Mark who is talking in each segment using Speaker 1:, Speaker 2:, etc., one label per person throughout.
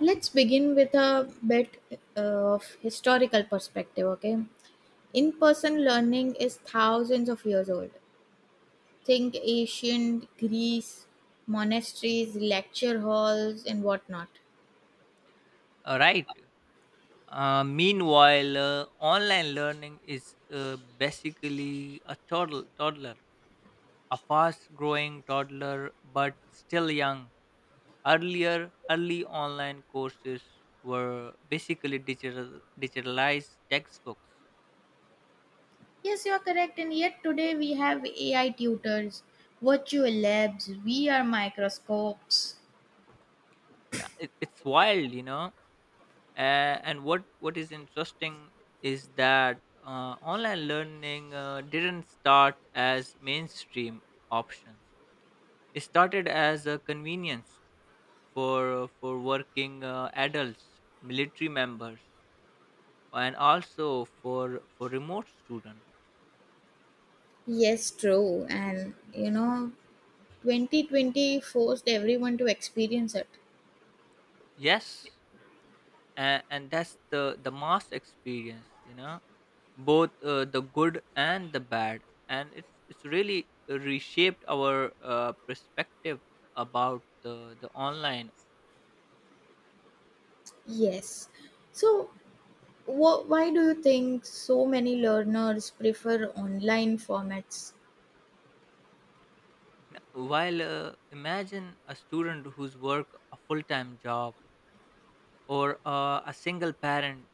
Speaker 1: Let's begin with a bit of historical perspective, okay? In person learning is thousands of years old. Think ancient Greece, monasteries, lecture halls, and whatnot.
Speaker 2: Right. Meanwhile, online learning is basically a toddler, a fast-growing toddler, but still young. Early online courses were basically digitalized textbooks.
Speaker 1: Yes, you are correct, and yet today we have AI tutors, virtual labs, VR microscopes.
Speaker 2: It's wild, you know. And what is interesting is that online learning didn't start as mainstream options. It started as a convenience for working adults, military members, and also for remote student.
Speaker 1: Yes, true, and you know, 2020 forced everyone to experience it.
Speaker 2: Yes, and that's the mass experience. You know, both the good and the bad, and it's really reshaped our perspective about the online.
Speaker 1: Yes. So, why do you think so many learners prefer online formats?
Speaker 2: While imagine a student who's work a full time job or a single parent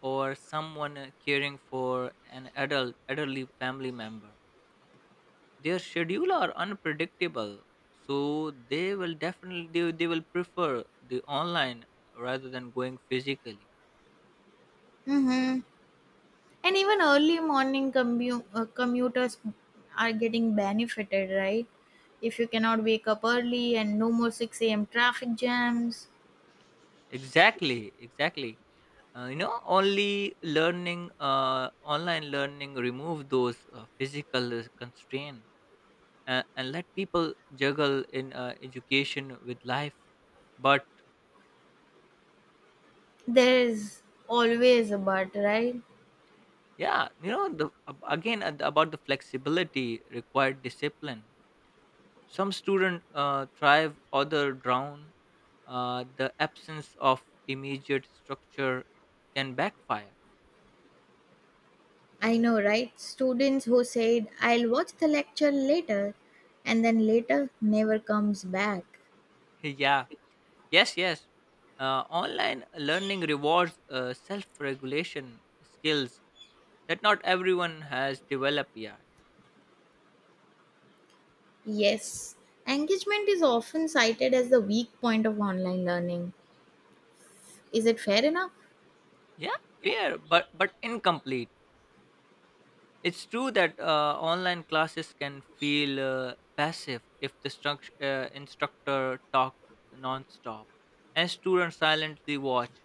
Speaker 2: or someone caring for an adult elderly family member, their schedule are unpredictable, so they will definitely they will prefer the online rather than going physically.
Speaker 1: Mm-hmm. And even early morning commuters are getting benefited, right? If you cannot wake up early and no more 6 a.m. traffic jams,
Speaker 2: Exactly, exactly. You know, only learning online learning remove those physical constraint and let people juggle in education with life, but
Speaker 1: there's always a but, right?
Speaker 2: yeah, you know, the ab- again the- about the flexibility required discipline. Some student thrive, other drown. The absence of immediate structure can backfire.
Speaker 1: I know, right? Students who said, I'll watch the lecture later, and then later never comes back.
Speaker 2: Yeah, yes, yes. Online learning rewards self-regulation skills that not everyone has developed yet.
Speaker 1: Yes, engagement is often cited as the weak point of online learning. Is it fair enough?
Speaker 2: Yeah, fair, but incomplete. It's true that online classes can feel passive if the instructor talks nonstop and students silently watch.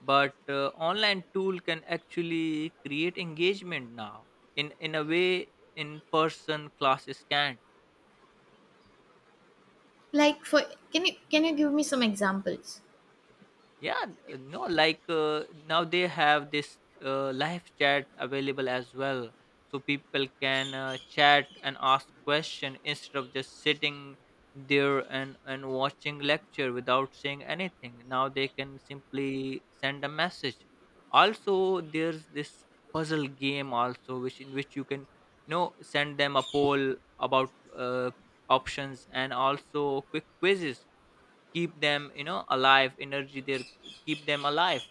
Speaker 2: But online tool can actually create engagement now in a way in person classes can.
Speaker 1: Like for can you give me some examples?
Speaker 2: Yeah, n- no like now they have this live chat available as well, so people can chat and ask question instead of just sitting there and watching lecture without saying anything. Now they can simply send a message. Also, there's this puzzle game also, which in which you can, you know, send them a poll about options, and also quick quizzes keep them, you know, alive energy there, keep them alive.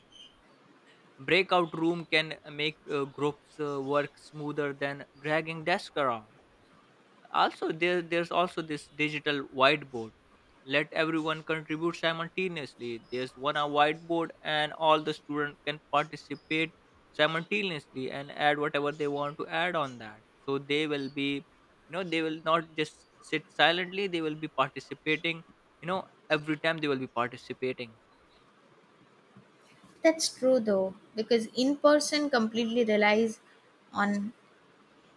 Speaker 2: Breakout room can make groups work smoother than dragging desk around. Also, there's also this digital whiteboard, let everyone contribute simultaneously. There's one a whiteboard, and all the student can participate simultaneously and add whatever they want to add on that, so they will be, you know, they will not just sit silently, they will be participating, you know. Every time they will be participating,
Speaker 1: That's true though, because in person completely relies on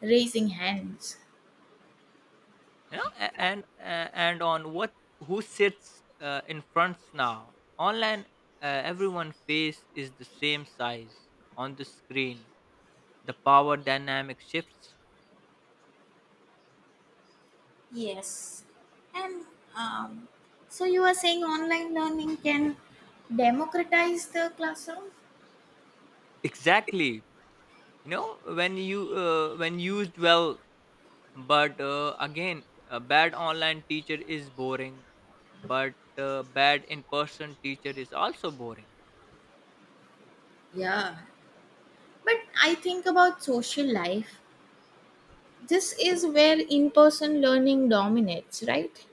Speaker 1: raising hands.
Speaker 2: you know, and on what who sits in front. Now online, everyone face is the same size on the screen. The power dynamic shifts.
Speaker 1: Yes. And um, so you are saying online learning can democratize the classroom?
Speaker 2: Exactly, you know, when you when used well. But again, a bad online teacher is boring, but bad in person teacher is also boring.
Speaker 1: Yeah. But I think about social life. This is where in person learning dominates, right?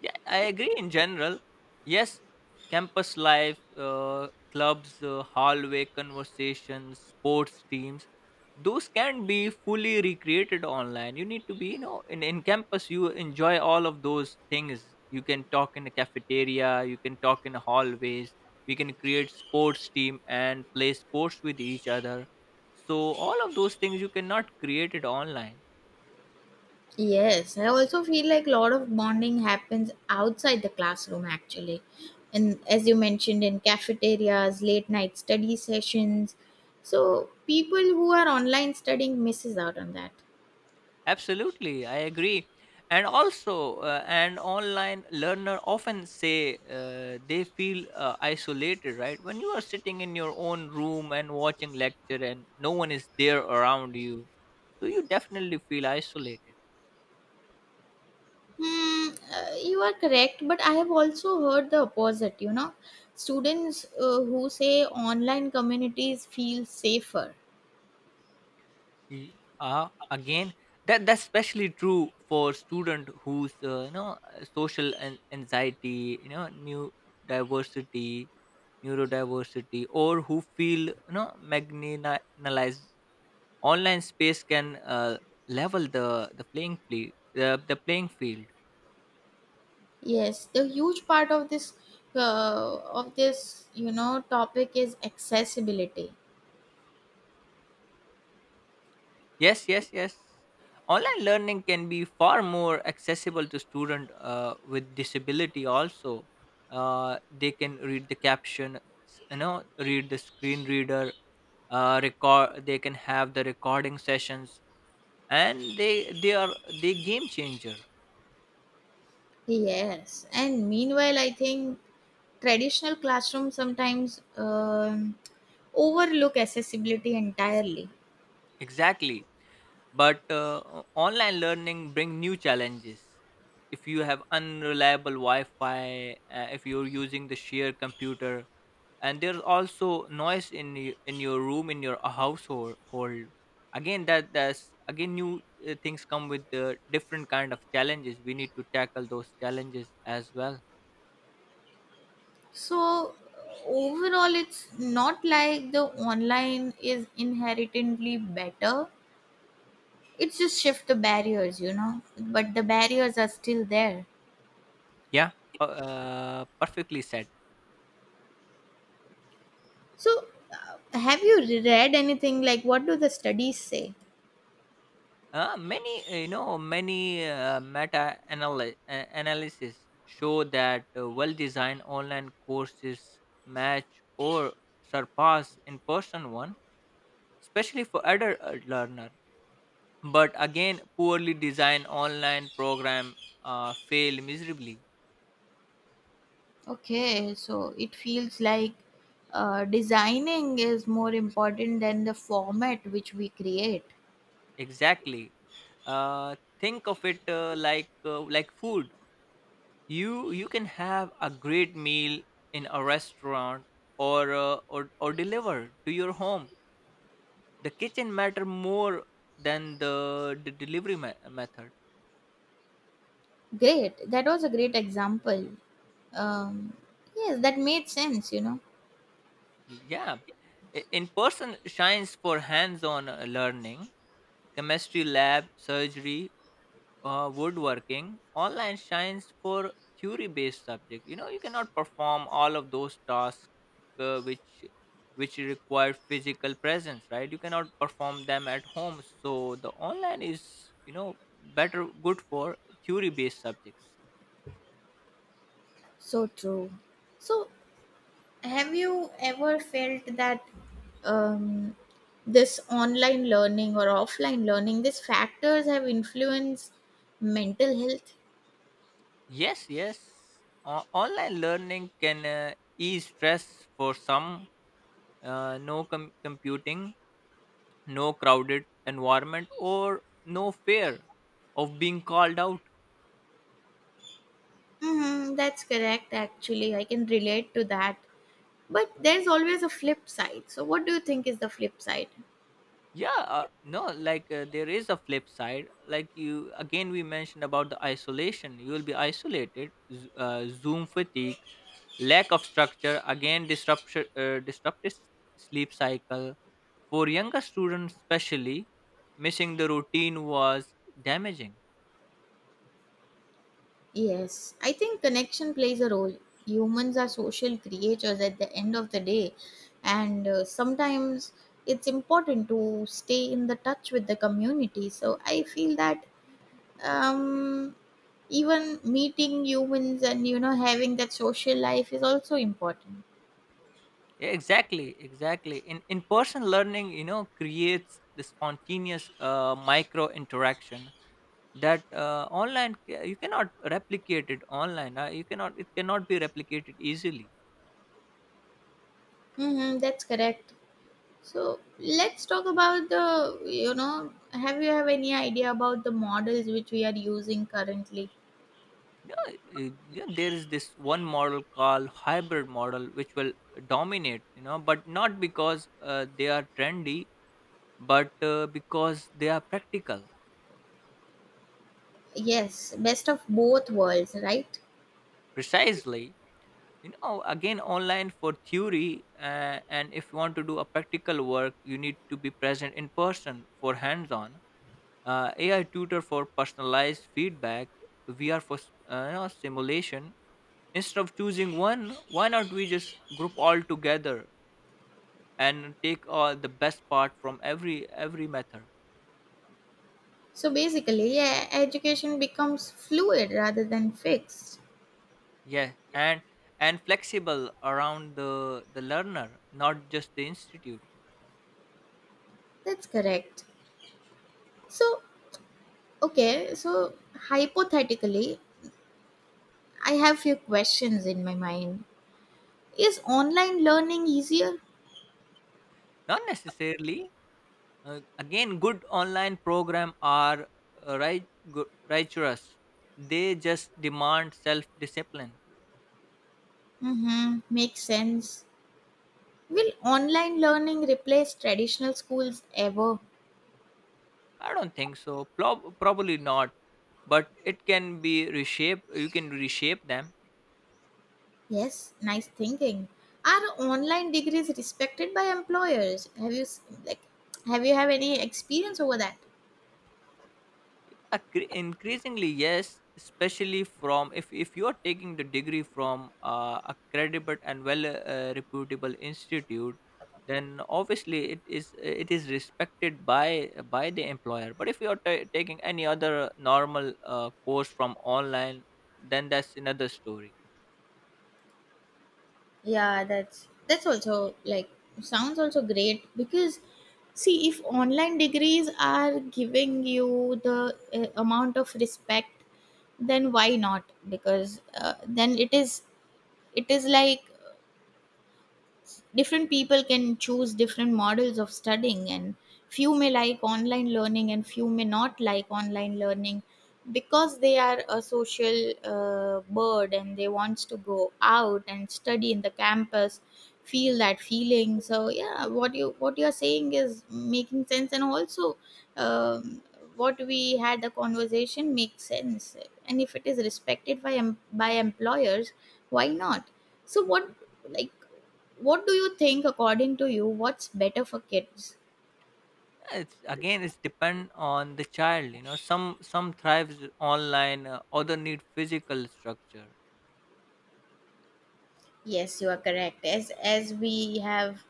Speaker 2: Yeah, I agree in general. Yes, campus life, clubs, hallway conversations, sports teams, those can be fully recreated online. You need to be, you know, in campus, you enjoy all of those things. You can talk in the cafeteria, you can talk in the hallways, we can create sports team and play sports with each other. So, all of those things you cannot create it online.
Speaker 1: Yes, I also feel like a lot of bonding happens outside the classroom actually. And as you mentioned, in cafeterias, late night study sessions. So people who are online studying misses out on that.
Speaker 2: Absolutely, I agree. And also, an online learner often say they feel isolated, right? When you are sitting in your own room and watching lecture, and no one is there around you, so you definitely feel isolated.
Speaker 1: Hmm, you are correct, but I have also heard the opposite, you know. Students who say online communities feel safer.
Speaker 2: Again, that's especially true for student whose you know, social anxiety, you know, new diversity, neurodiversity, or who feel, you know, marginalized. Online space can level the playing field.
Speaker 1: Yes, the huge part of this you know, topic is accessibility.
Speaker 2: Yes, yes, yes, online learning can be far more accessible to student with disability also. They can read you know, read the screen reader, record they can have the recording sessions, and they are, they game changer.
Speaker 1: Yes, and meanwhile, I think traditional classrooms sometimes overlook accessibility entirely.
Speaker 2: Exactly, but online learning bring new challenges. If you have unreliable wi-fi, if you're using the shared computer, and there's also noise in in your room, in your household hold. Again, that's again new things come with the different kind of challenges. We need to tackle those challenges as well.
Speaker 1: So, overall, it's not like the online is inherently better. It's just shift the barriers, you know, but the barriers are still there.
Speaker 2: Yeah, perfectly said.
Speaker 1: So, have you read anything like what do the studies say?
Speaker 2: Many, you know, many analysis show that well-designed online courses match or surpass in-person one, especially for adult learner. But again, poorly designed online program fail miserably.
Speaker 1: Okay, so it feels like designing is more important than the format which we create.
Speaker 2: Exactly. Think of it like food. You can have a great meal in a restaurant or or delivered to your home. The kitchen matter more than the method.
Speaker 1: Great, that was a great example. Um, yes, that made sense, you know.
Speaker 2: Yeah, in person shines for hands-on learning, chemistry lab, surgery, woodworking. Online shines for theory-based subject. You know, you cannot perform all of those tasks uh, which which require physical presence, right? You cannot perform them at home, so the online is, you know, better, good for theory-based subjects.
Speaker 1: So true. So, have you ever felt that um, this online learning or offline learning, these factors have influenced mental health?
Speaker 2: Yes, yes. Online learning can ease stress for some. Computing, no crowded environment, or no fear of being called out.
Speaker 1: Mm, that's correct, actually. I can relate to that. But there's always a flip side. So, what do you think is the flip side?
Speaker 2: Yeah, no, like there is a flip side. Like you, again, we mentioned about the isolation. You will be isolated, Zoom fatigue, lack of structure, again, disruptive sleep cycle. For younger students, especially, missing the routine was damaging.
Speaker 1: Yes, I think connection plays a role. Humans are social creatures at the end of the day, and sometimes it's important to stay in the touch with the community. So I feel that um, even meeting humans and you know having that social life is also important.
Speaker 2: Yeah, exactly, exactly. In person learning, you know, creates the spontaneous micro interaction that you cannot replicate it online. You cannot, it cannot be replicated easily.
Speaker 1: Mm-hmm, that's correct. So let's talk about the, you know, have you have any idea about the models which we are using currently?
Speaker 2: Yeah, yeah, there is this one model called hybrid model which will dominate. You know, but not because they are trendy, but because they are practical.
Speaker 1: Yes, best of both worlds, right?
Speaker 2: Precisely. You know, again, online for theory, and if you want to do a practical work, you need to be present in person for hands on. AI tutor for personalized feedback, VR for you know, simulation. Instead of choosing one, why not we just group all together and take all the best part from every method.
Speaker 1: So basically, yeah, education becomes fluid rather than fixed.
Speaker 2: Yeah, and flexible around the learner, not just the institute.
Speaker 1: That's correct. So, okay, so hypothetically, I have few questions in my mind. Is online learning easier?
Speaker 2: Not necessarily. Again, good online program are rigorous. They just demand self-discipline.
Speaker 1: Mm-hmm, makes sense. Will online learning replace traditional schools ever?
Speaker 2: I don't think so. Probably not, but it can be reshaped. You can reshape them.
Speaker 1: Yes, nice thinking. Are online degrees respected by employers? Have you like have you have any experience over that?
Speaker 2: Increasingly yes, especially from if, you are taking the degree from a credible and well reputable institute, then obviously it is respected by the employer. But if you are ta taking any other normal course from online, then that's another story.
Speaker 1: Yeah, that's also like sounds also great because see if online degrees are giving you the amount of respect, then why not? Because then it is like different people can choose different models of studying, and few may like online learning and few may not like online learning because they are a social bird and they wants to go out and study in the campus, feel that feeling. So yeah, what you are saying is making sense, and also um, what we had the conversation makes sense, and if it is respected by by employers, why not? So what, like, what do you think, according to you, what's better for kids?
Speaker 2: It's depend on the child, you know, some thrives online, other need physical structure.
Speaker 1: Yes, you are correct. As we have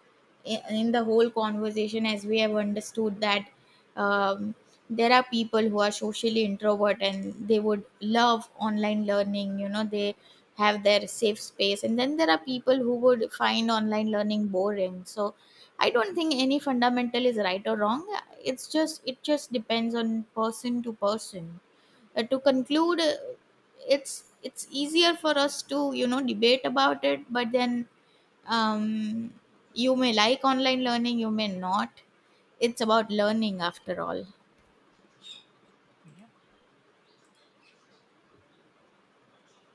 Speaker 1: in the whole conversation, as we have understood that um, there are people who are socially introvert and they would love online learning. You know, they have their safe space, and then there are people who would find online learning boring. So, I don't think any fundamental is right or wrong. It just depends on person to person. To conclude, it's easier for us to you know debate about it, but then um, you may like online learning, you may not. It's about learning after all.